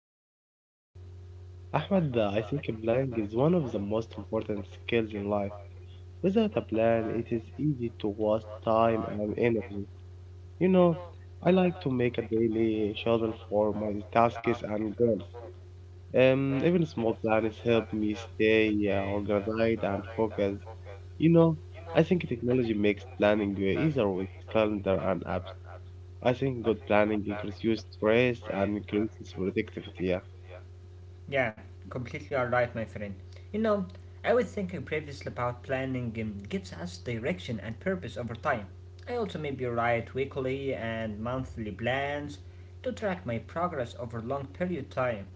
thank you, my friend. Ahmed, I think planning is one of the most important skills in life. Without a plan, it is easy to waste time and energy. You know, I like to make a daily schedule for my tasks and goals. Even small plans help me stay organized and focused. You know, I think technology makes planning easier with calendar and apps. I think good planning can reduce stress and increases productivity. Yeah. Yeah, completely alright, my friend. You know, I was thinking previously about planning gives us direction and purpose over time. I also maybe write weekly and monthly plans to track my progress over long period time.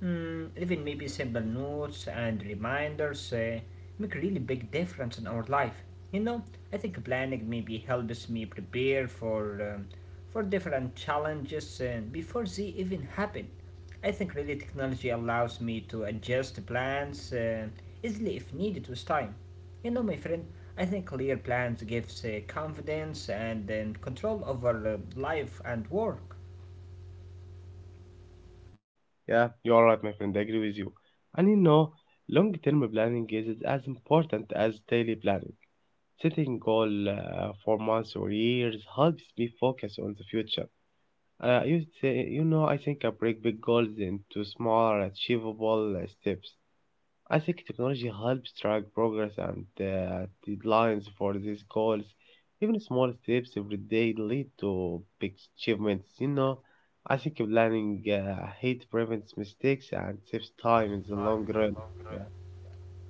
Even maybe simple notes and reminders make a really big difference in our life. You know, I think planning maybe helps me prepare for different challenges before they even happen. I think really technology allows me to adjust plans easily if needed with time. You know, my friend, I think clear plans gives confidence and control over life and work. Yeah, you are right, my friend. I agree with you. And you know, Long term planning is as important as daily planning. Setting goal for months or years helps me focus on the future. You, th- you know, I think I break big goals into smaller, achievable steps. I think technology helps track progress and deadlines for these goals. Even small steps every day lead to big achievements. I think planning ahead prevents mistakes and saves time in the long run. Yeah,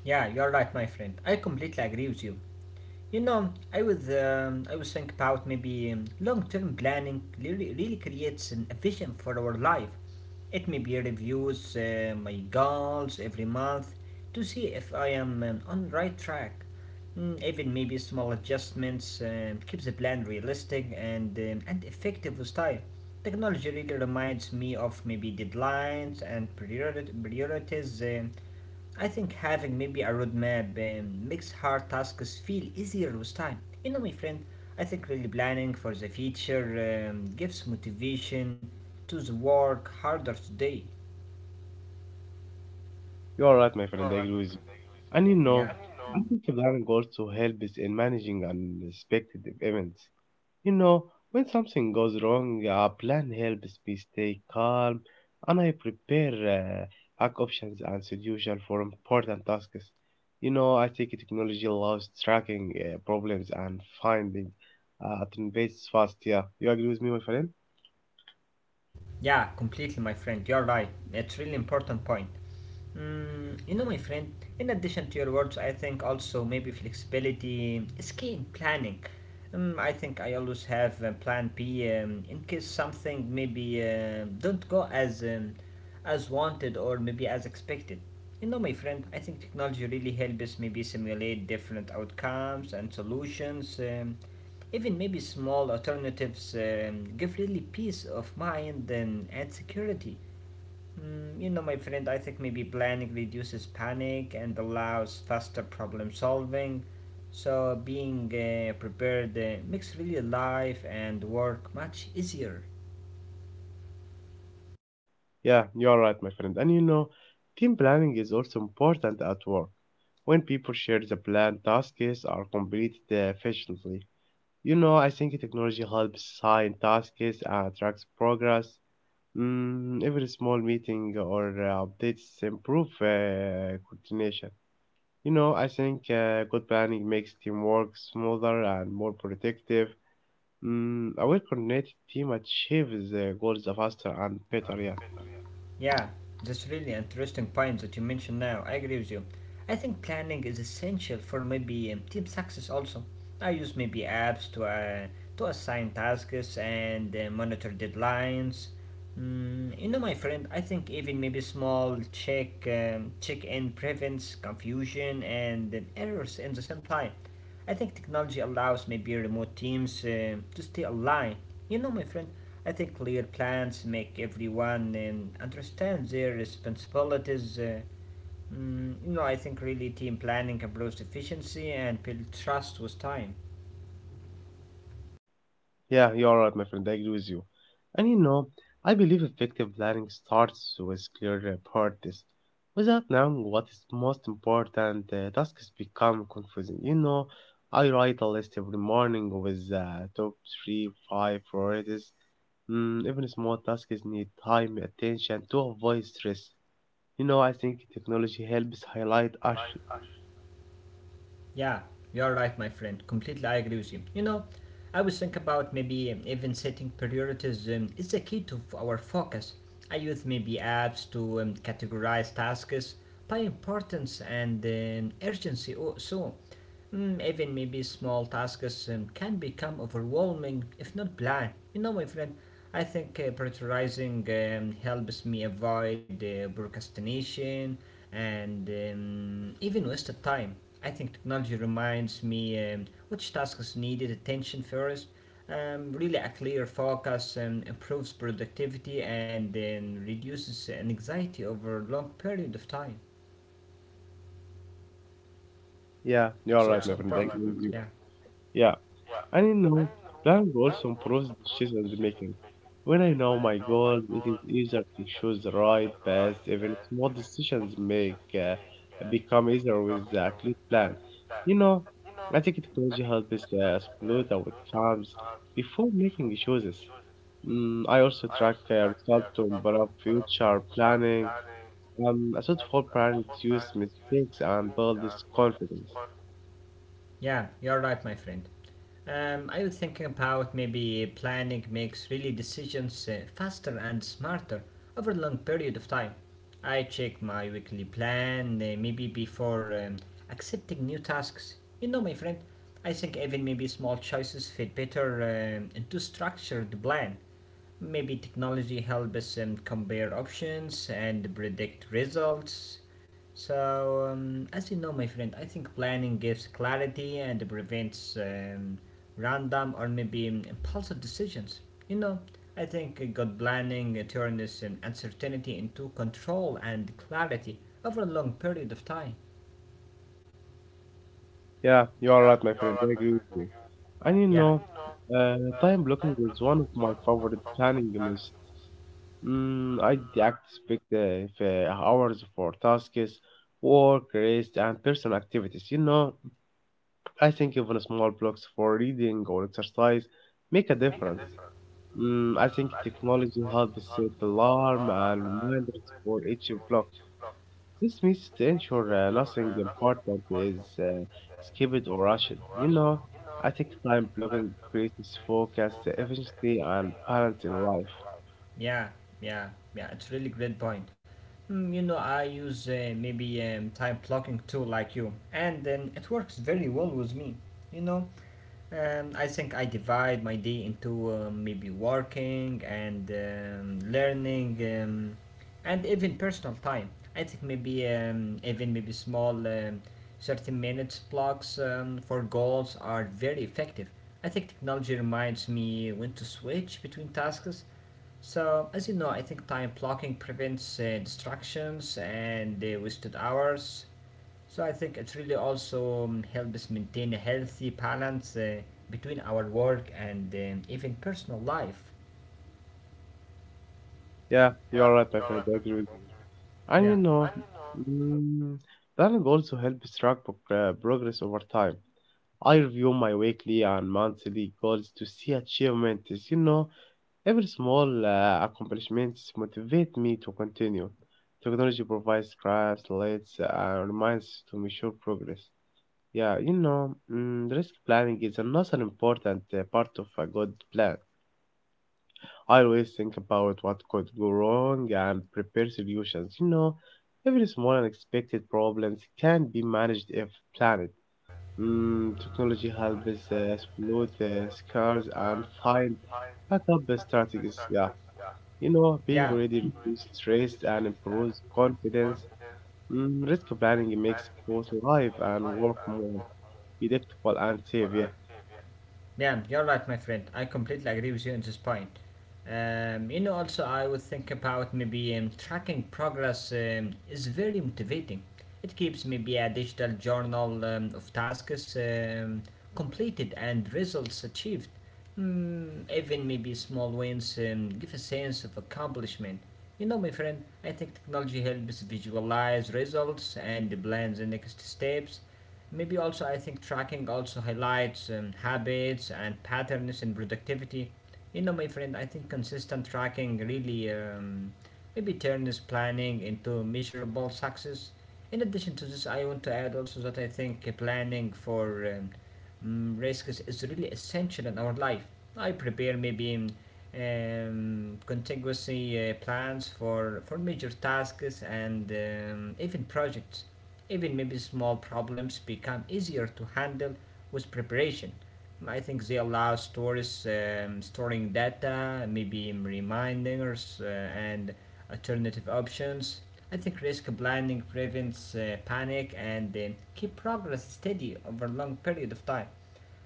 Yeah, you're right, my friend. I completely agree with you. You know, I was thinking about maybe long-term planning, really, really creates a vision for our life. It maybe reviews my goals every month to see if I am on the right track. Even maybe small adjustments keeps the plan realistic and effective with time. Technology really reminds me of maybe deadlines and priorities. I think having maybe a roadmap makes hard tasks feel easier with time. You know, my friend, I think really planning for the future gives motivation to the work harder today. you are right, my friend. I agree with you. And you know, Yeah. I think planning also helps in managing unexpected events. You know, when something goes wrong, a plan helps me stay calm and I prepare back options and solutions for important tasks. I think technology allows tracking problems and finding alternatives fast. Yeah, you agree with me, my friend? Yeah, completely, my friend. You're right. It's really important point. You know, my friend. In addition to your words, I think also maybe flexibility is key in planning. I think I always have a plan B in case something maybe don't go as as wanted or maybe as expected. You know, my friend. I think technology really helps us maybe simulate different outcomes and solutions. Even maybe small alternatives give really peace of mind and security. You know, my friend, I think maybe planning reduces panic and allows faster problem solving. So, being prepared makes really life and work much easier. Yeah, you are right, my friend. Team planning is also important at work. When people share the plan, tasks are completed efficiently. I think technology helps assign tasks and tracks progress. Every small meeting or updates improve coordination. I think good planning makes teamwork smoother and more productive. A well-connected team achieves their goals faster and better. Yeah. Yeah, that's really interesting point that you mentioned now. I agree with you. I think planning is essential for maybe team success also. I use maybe apps to assign tasks and monitor deadlines. You know, my friend, I think even maybe small check in prevents confusion and errors in the same time. I think technology allows maybe remote teams to stay aligned. You know, my friend, I think clear plans make everyone understand their responsibilities. You know, I think really team planning improves efficiency and build trust with time. Yeah, you're right, my friend. I agree with you. And you know, I believe effective planning starts with clear priorities. Without knowing what is most important, tasks become confusing. I write a list every morning with top three, five priorities. Even small tasks need time, attention to avoid stress. I think technology helps highlight action. Yeah, you're right, my friend. Completely, I agree with you. You know, I was thinking about maybe even setting priorities is the key to our focus. I use maybe apps to categorize tasks by importance and urgency. So even maybe small tasks can become overwhelming if not planned. You know, my friend, I think prioritizing helps me avoid procrastination and even wasted time. I think technology reminds me which tasks needed attention first. Really, a clear focus improves productivity and reduces anxiety over a long period of time. Yeah, So you're it's right, my important. friend. I agree with Yeah, you. Yeah. And you know, Planning also improves decision making. When I know my goals, it is easier to choose the right path. Even small decisions make become easier with a clear plan. You know, I think technology helps us explore the outcomes before making choices. I also track results to improve future planning. A thoughtful plan reduces mistakes and builds confidence. yeah, you're right, my friend. I was thinking about maybe planning makes really decisions faster and smarter over a long period of time. I check my weekly plan maybe before accepting new tasks. You know, my friend, I think even maybe small choices fit better into structured plan. Maybe technology helps us compare options and predict results. So, as you know, my friend, I think planning gives clarity and prevents random or maybe impulsive decisions. You know, I think good planning turns uncertainty into control and clarity over a long period of time. Yeah, you are right, my friend. I agree with you. And you Yeah. know, Time blocking is one of my favorite planning methods. I expect if, hours for tasks, work, rest, and personal activities. I think even small blocks for reading or exercise make a difference. I think technology helps set alarm and reminders for each block. This means to ensure nothing important is uh, skipped or rushed. I think time blocking creates focus, efficiency, and balance in life. Yeah, yeah, yeah. It's really great point. You know, I use maybe time blocking tool like you, and it works very well with me. You know, I think I divide my day into maybe working and learning and even personal time. I think maybe even maybe small 30 minutes blocks for goals are very effective. I think technology reminds me when to switch between tasks, so, as you know, I think time blocking prevents distractions and wasted hours. So, I think it really also helps maintain a healthy balance between our work and even personal life. Yeah, you're right, my friend. I agree with you. And you Yeah, know, mm, Planning also helps track progress over time. I review my weekly and monthly goals to see achievements. Every small accomplishment motivates me to continue. Technology provides graphs, lights, and reminds to measure progress. Yeah. Risk planning is another important part of a good plan. I always think about what could go wrong and prepare solutions. Every small unexpected problems can be managed if planned. Technology helps us exploit scars and find backup strategies. Yeah. Being yeah. ready reduces stress and improves confidence. Risk planning makes both life and work more predictable and safe. Yeah, Yeah, you're right, my friend. I completely agree with you on this point. You know, also, I would think about maybe tracking progress is very motivating. It keeps maybe a digital journal of tasks completed and results achieved. Even maybe small wins give a sense of accomplishment. You know, my friend, I think technology helps visualize results and plan the next steps. Maybe also I think tracking also highlights habits and patterns in productivity. You know, my friend, I think consistent tracking really maybe turns planning into measurable success. In addition to this, I want to add also that I think planning for risks is really essential in our life. I prepare maybe contingency plans for major tasks and even projects. Even maybe small problems become easier to handle with preparation. I think they allow stores storing data, maybe reminders and alternative options. I think risk blinding prevents panic and keep progress steady over a long period of time.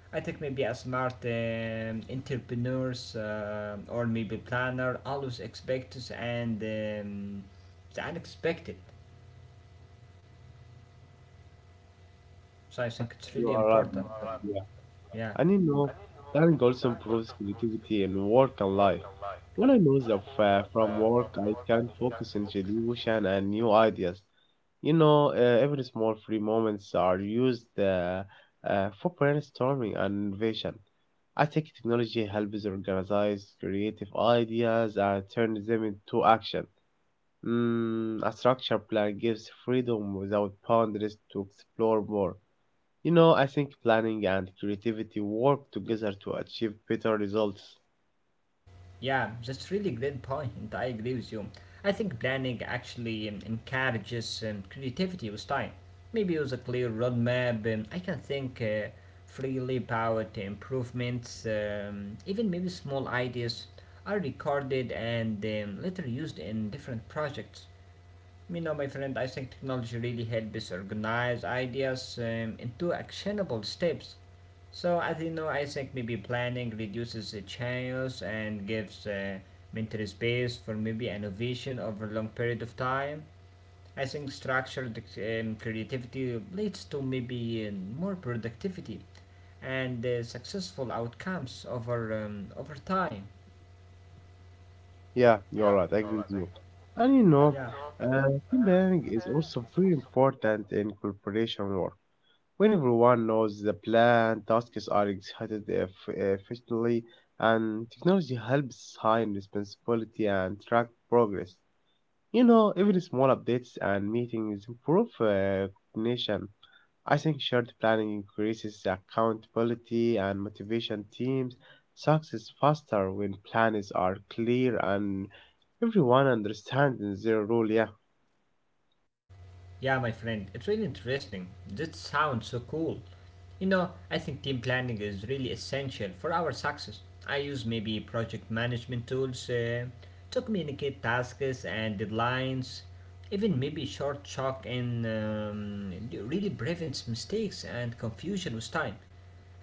I think maybe a smart entrepreneurs or maybe planner always expects and the unexpected. So I think yeah, it's really you are right, important. man. Yeah, And you know, Learning also improves creativity in work and life. When I lose from work, I can focus on solution and new ideas. Every small free moments are used for brainstorming and innovation. I think technology helps organize creative ideas and turn them into action. A structured plan gives freedom without boundaries to explore more. I think planning and creativity work together to achieve better results. yeah, that's really great point. I agree with you. I think planning actually encourages creativity with time. Maybe with a clear roadmap, I can think freely about improvements, even maybe small ideas are recorded and later used in different projects. You know, my friend, I think technology really helps us organize ideas into actionable steps. So, as you know, I think maybe planning reduces the chaos and gives mental space for maybe innovation over a long period of time. I think structured creativity leads to maybe more productivity and successful outcomes over time. Yeah, you're right. I agree with you. And you know, uh, Team planning is also very important in corporation work. When everyone knows the plan, tasks are executed efficiently, and technology helps sign responsibility and track progress. Even small updates and meetings improve coordination. I think shared planning increases accountability and motivation teams. Success faster when plans are clear and everyone understands their role. Yeah, Yeah, my friend, it's really interesting. This sounds so cool. You know, I think team planning is really essential for our success. I use maybe project management tools to communicate tasks and deadlines. Even maybe short chalk and really prevents mistakes and confusion with time.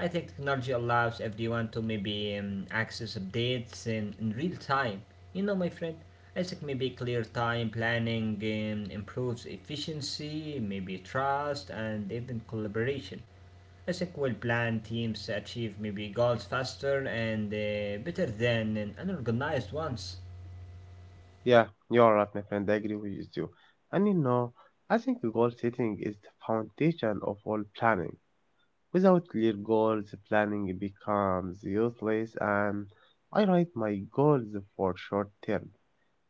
I think technology allows everyone to maybe access updates in real time. You know, my friend, I think maybe clear time planning improves efficiency, maybe trust, and even collaboration. I think well planned teams achieve maybe goals faster and better than unorganized ones. yeah, you're right, my friend. I agree with you too. And you know, I think goal setting is the foundation of all planning. Without clear goals, planning becomes useless. And I write my goals for short term,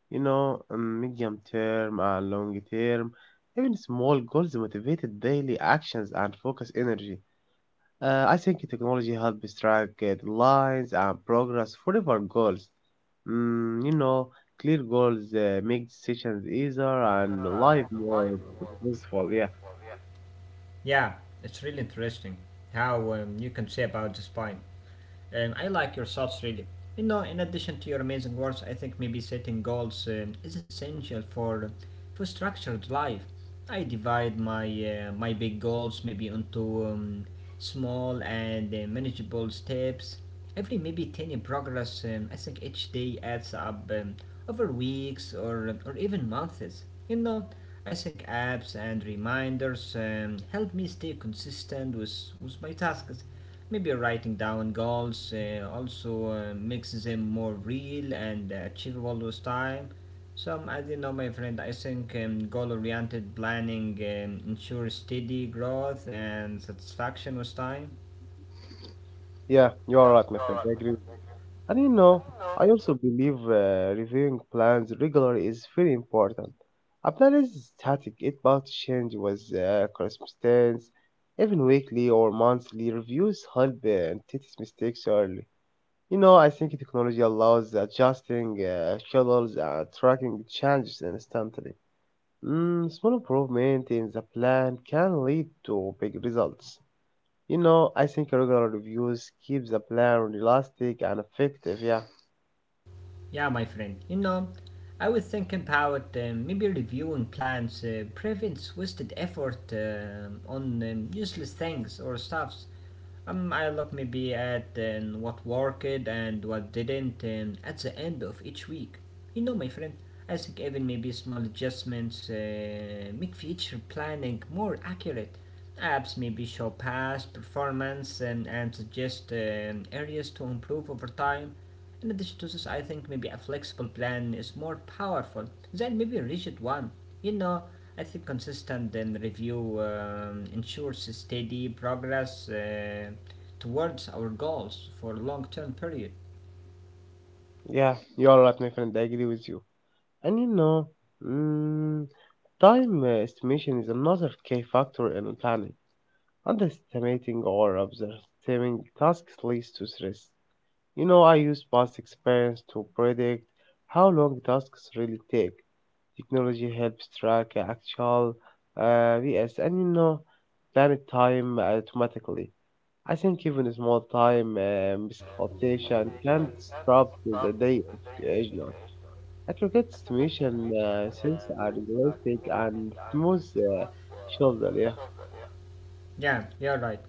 Medium term and long term, even small goals motivated daily actions and focus energy. I think technology helps track lines and progress forever goals. Mm, you know, Clear goals make decisions easier and life more purposeful. Yeah. Yeah, it's really interesting how you can say about the spine. I like your thoughts really. You know, in addition to your amazing words, I think maybe setting goals is essential for structured life. I divide my big goals maybe into small and manageable steps. Every maybe tiny progress, I think each day adds up over weeks or even months. You know, I think apps and reminders help me stay consistent with my tasks. Maybe writing down goals also makes them more real and achievable with time. So, as you know, my friend, I think goal oriented planning ensures steady growth and satisfaction with time. Yeah, you are right, my friend. I agree with you. And you know, I also believe reviewing plans regularly is very important. A plan is static, it must change with circumstance. Even weekly or monthly reviews help and detect mistakes early. I think technology allows adjusting schedules and tracking changes instantly. Small improvement in the plan can lead to big results. I think regular reviews keeps the plan realistic and effective. Yeah, Yeah, my friend, you know, I was thinking about maybe reviewing plans prevents wasted effort on useless things or stuffs. I look maybe at what worked and what didn't at the end of each week. You know, my friend, I think even maybe small adjustments make future planning more accurate. Apps maybe show past performance and suggest areas to improve over time. In addition to this, I think maybe a flexible plan is more powerful than maybe a rigid one. You know, I think consistent and review ensures steady progress towards our goals for long term period. yeah, you're right, my friend. I agree with you. And you know, mm, Time estimation is another key factor in planning. Underestimating or overestimating tasks leads to stress. I use past experience to predict how long tasks really take. Technology helps track actual vs., and plan it time automatically. I think even a small time miscalculation can disrupt the day of occasional. Aggregate stimulation since are realistic and smooth shoulder, yeah. Yeah, you're right.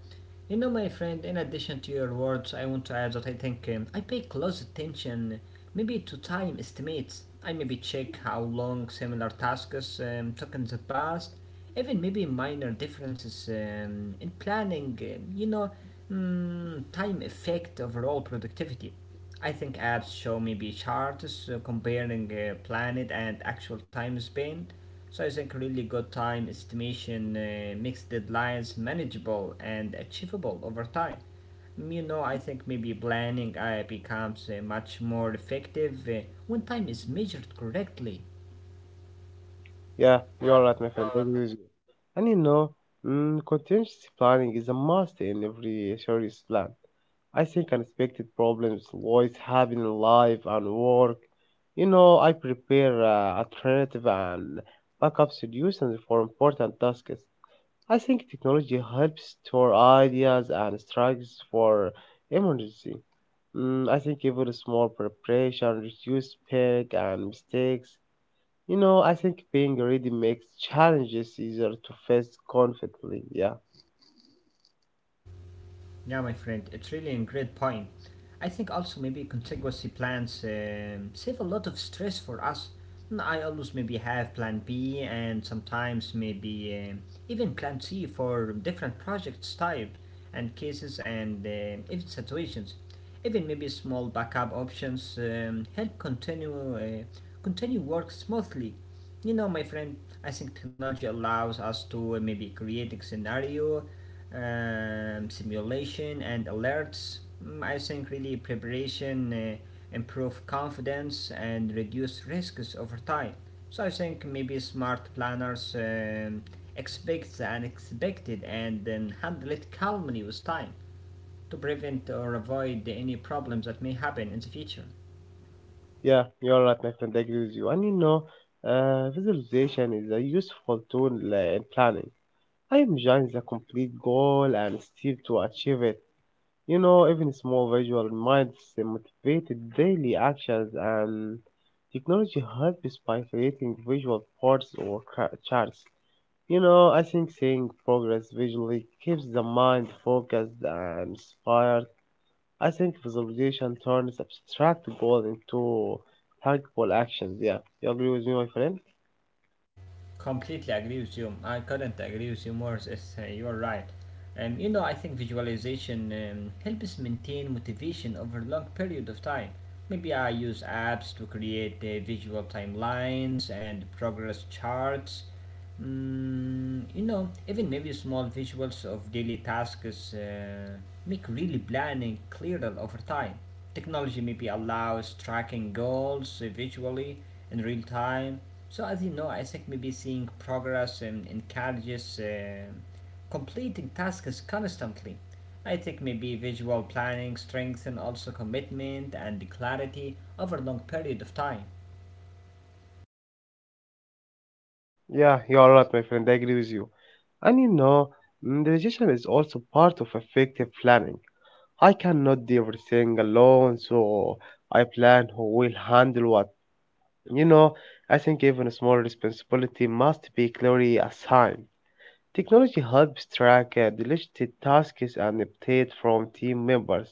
You know, my friend, in addition to your words, I want to add that I think I pay close attention maybe to time estimates. I maybe check how long similar tasks took in the past, even maybe minor differences in planning, you know, time effect overall productivity. I think apps show maybe charts comparing planned and actual time spent, so I think really good time estimation makes deadlines manageable and achievable over time. I think maybe planning becomes much more effective when time is measured correctly. Yeah, you're right, my friend. That's agree. And you know, mm, contingency planning is a must in every serious plan. I think unexpected problems always happen in life and work. I prepare alternative and backup solutions for important tasks. I think technology helps store ideas and strikes for emergency. I think even small preparation reduce panic and mistakes. I think being ready makes challenges easier to face confidently. Yeah, Yeah, my friend, it's really a great point. I think also maybe contiguous plans save a lot of stress for us. Mm, I always maybe have plan B and sometimes maybe even plan C for different projects types and cases and even situations. Even maybe small backup options help continue continue work smoothly. You know, my friend, I think technology allows us to maybe create a scenario simulation and alerts. Mm, I think really preparation improve confidence and reduce risks over time. So I think maybe smart planners expect the unexpected and then handle it calmly with time to prevent or avoid any problems that may happen in the future. yeah, you're right, my friend. I agree with you. Visualization is a useful tool in planning. I imagine the complete goal and step to achieve it. Even small visual reminds them motivated daily actions and technology helps by creating visual ports or charts. I think seeing progress visually keeps the mind focused and inspired. I think visualization turns abstract goals into tangible actions. Yeah, you agree with me, my friend? Completely agree with you. I couldn't agree with you more. It's, you're right. I think visualization helps maintain motivation over a long period of time. Maybe I use apps to create visual timelines and progress charts. Mm, you know, even maybe small visuals of daily tasks make really planning clearer over time. Technology maybe allows tracking goals visually in real time, so, as you know, I think maybe seeing progress and encourages completing tasks constantly. I think maybe visual planning strengthens also commitment and clarity over a long period of time. Yeah, you're right, my friend. I agree with you. And you know, mm, the decision is also part of effective planning. I cannot do everything alone, so I plan who will handle what. You know, I think even small responsibility must be clearly assigned. Technology helps track delegated tasks and update from team members.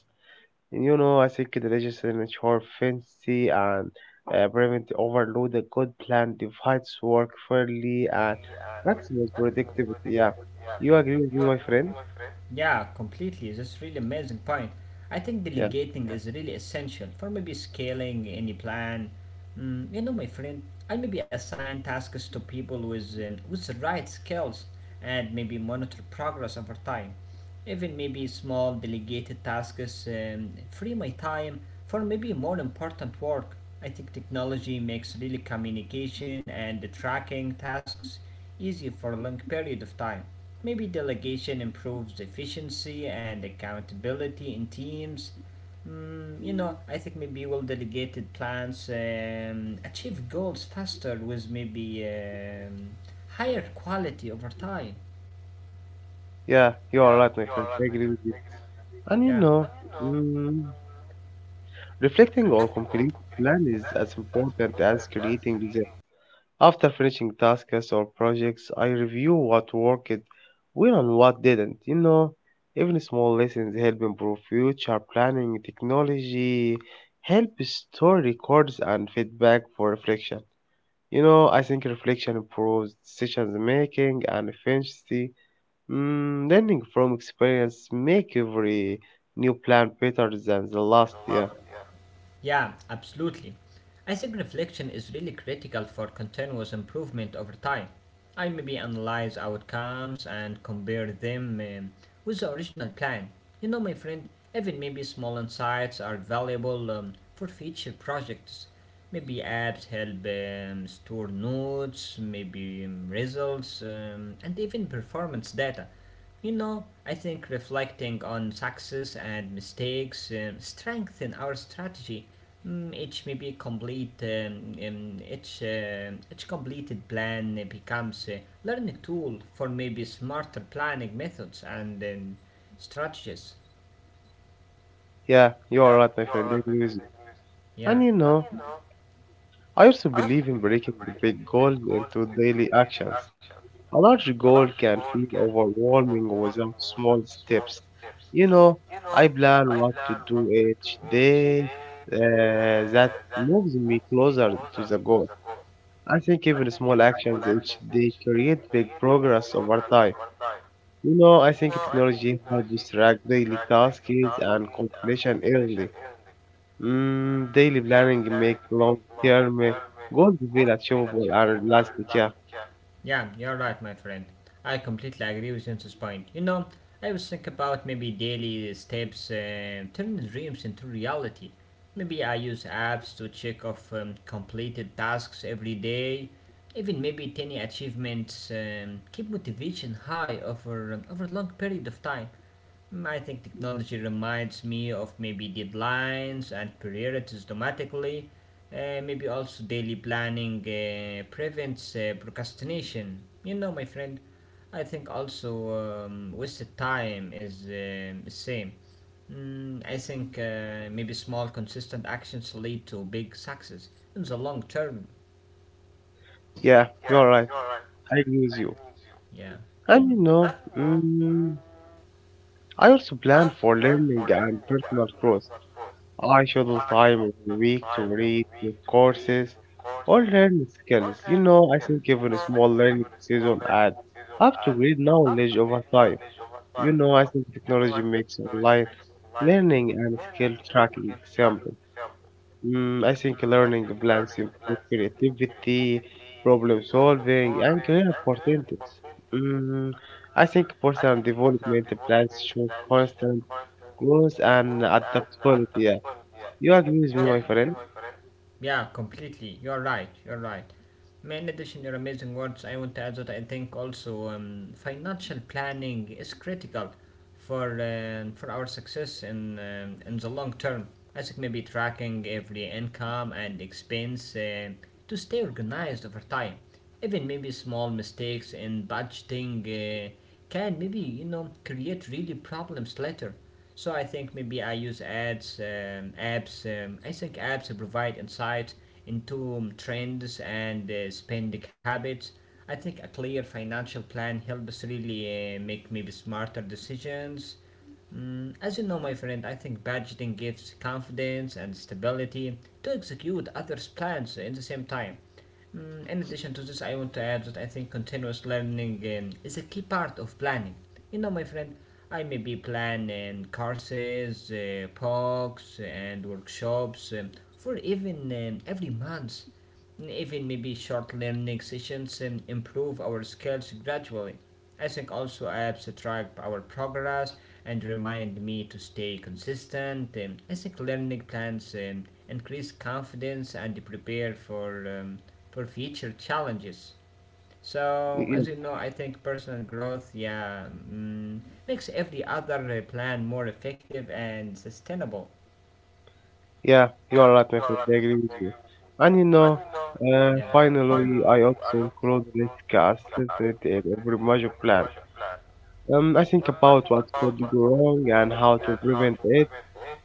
And, I think delegation ensure efficiency and prevent overload. A good plan divides work fairly and maximizes productivity. Yeah, you agree with me, my friend? Yeah, completely. That's really amazing point. I think Yeah, delegating is really essential for maybe scaling any plan. Mm, you know, my friend, I maybe assign tasks to people with the right skills and maybe monitor progress over time. Even maybe small delegated tasks free my time for maybe more important work. I think technology makes really communication and the tracking tasks easy for a long period of time. Maybe delegation improves efficiency and accountability in teams. Mm, you know, I think maybe well delegated plans achieve goals faster with maybe higher quality over time. yeah, you are right, my friend. I agree with you. And Yeah. you know, mm, Reflecting on complete plan is as important as creating them. After finishing tasks or projects, I review what worked well and what didn't. Even small lessons help improve future planning. Technology help store records and feedback for reflection. I think reflection improves decision making and efficiency. Learning from experience make every new plan better than the last. Yeah, Yeah, absolutely. I think reflection is really critical for continuous improvement over time. I maybe analyze outcomes and compare them with the original plan. You know, my friend, even maybe small insights are valuable for future projects. Maybe apps help store notes, maybe results, and even performance data. You know, I think reflecting on success and mistakes strengthen our strategy. Mm, Each maybe complete each completed plan becomes a learning tool for maybe smarter planning methods and strategies. yeah, you are right, my friend. I agree with you. Yeah. And you know, I also believe in breaking the big goals into daily actions. A large goal can feel overwhelming without small steps. You know, I plan what to do each day. That moves me closer to the goal. I think even small actions each day create big progress over time. I think technology helps track daily tasks and completion early. Daily planning makes long-term goals feel achievable and realistic. Yeah, Yeah, you're right, my friend. I completely agree with James's point. You know, I was thinking about maybe daily steps, turning dreams into reality. Maybe I use apps to check off completed tasks every day. Even maybe tiny achievements keep motivation high over a long period of time. Mm, I think technology reminds me of maybe deadlines and priorities automatically. Maybe also daily planning prevents procrastination. You know, my friend, I think also wasted time is the same. Mm, I think maybe small, consistent actions lead to big success in the long term. yeah, you are right. I agree with you. Yeah. And you know, mm, I also plan for learning and personal growth. I schedule time every week to read new courses or learn skills. I think even a small learning season adds up to great knowledge over time. I think technology makes online learning and skill tracking simple. I think learning plans improve creativity, problem solving, and career opportunities. Mm, I think personal development plans show constant growth and adaptability. Yeah. You agree with me, my friend? Yeah, completely. You're right. You're right. In addition to your amazing words, I want to add that I think also financial planning is critical for our success in the long term. I think maybe tracking every income and expense to stay organized over time. Even maybe small mistakes in budgeting can maybe you know create really problems later. So I think maybe I use apps. I think apps provide insight into trends and spending habits. I think a clear financial plan helps really make maybe smarter decisions. Mm, as you know, my friend, I think budgeting gives confidence and stability to execute others' plans in the same time. Mm, in addition to this, I want to add that I think continuous learning is a key part of planning. You know, my friend, I may be planning courses, talks, and workshops for even every month, even maybe short learning sessions and improve our skills gradually. I think also apps track our progress and remind me to stay consistent. I think learning plans increase confidence and prepare for future challenges. So Yeah, as you know, I think personal growth, yeah, mm, makes every other plan more effective and sustainable. yeah, you are right, my friend. I agree with you. And you know, Yeah, Finally, I also include risk assessment in every major plan. I think about what could go wrong and how to prevent it.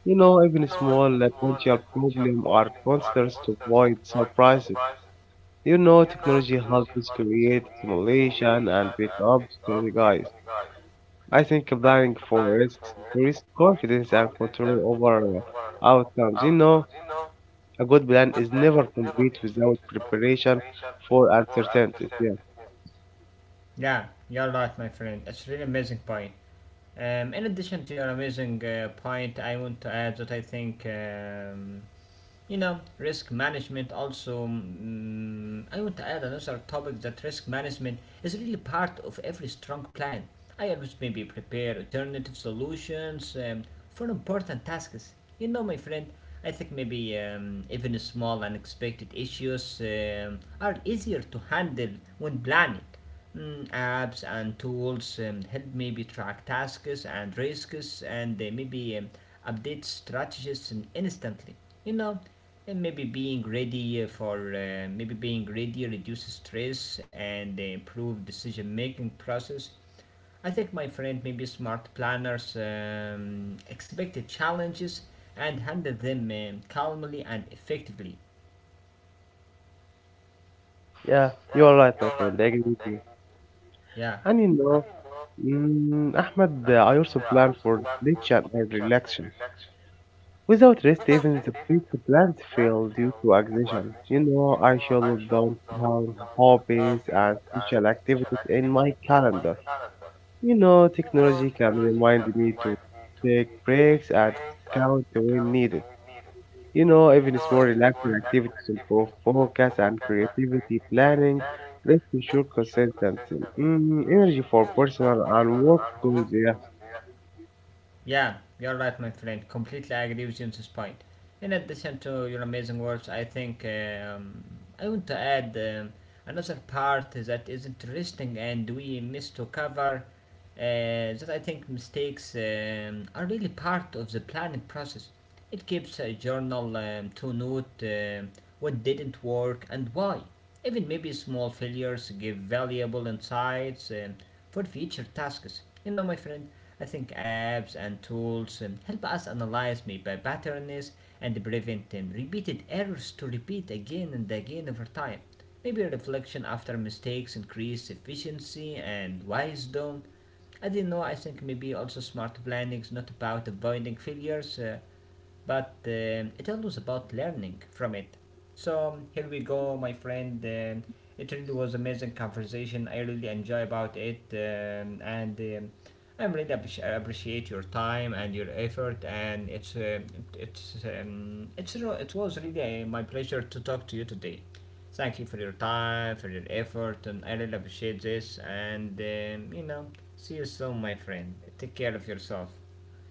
Even small potential problems are considers to avoid surprises. Technology helps us create simulation and pick up strategies. I think planning for risks increases confidence and control over outcomes. A good plan is never complete without preparation for uncertainties. Yeah, yeah, you're right, my friend. It's really amazing point. In addition to your amazing point, I want to add that I think, risk management also. I want to add another topic that risk management is really part of every strong plan. I always maybe prepare alternative solutions for important tasks. You know, my friend, I think maybe even small unexpected issues are easier to handle when planning. Mm, apps and tools help maybe track tasks and risks and maybe update strategies instantly. You know, and maybe being ready reduces stress and improve decision making process. I think my friend maybe smart planners expected challenges and handle them calmly and effectively. yeah, you are right, my friend. I agree with you. Yeah. And you know, mm, Ahmed, I also plan for nature and relaxation. Without rest, even the best plans fail due to exhaustion. I schedule downtown hobbies and social activities in my calendar. Technology can remind me to take breaks and count when needed. Even small relaxing activities improve focus and creativity planning. Rest ensure consistency. Energy for personal and work goals. Yeah. Yeah, you're right, my friend. Completely agree with you on this point. In addition to your amazing words, I think I want to add another part that is interesting and we miss to cover. That I think mistakes are really part of the planning process. It keeps a journal to note what didn't work and why. Even maybe small failures give valuable insights for future tasks. You know, my friend, I think apps and tools help us analyze maybe patterns and prevent repeated errors to repeat again and again over time. Maybe reflection after mistakes increase efficiency and wisdom. I do not know, I think maybe also smart planning is not about avoiding failures, but it all was about learning from it. So here we go, my friend. It really was amazing conversation. I really enjoy about it, and I really appreciate your time and your effort. And it's it was really my pleasure to talk to you today. Thank you for your time, for your effort, and I really appreciate this. And you know, see you soon, my friend. Take care of yourself.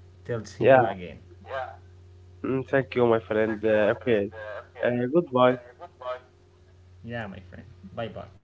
Till see you Yeah. again. Thank you, my friend. Okay. Goodbye. Yeah, my friend. Bye bye.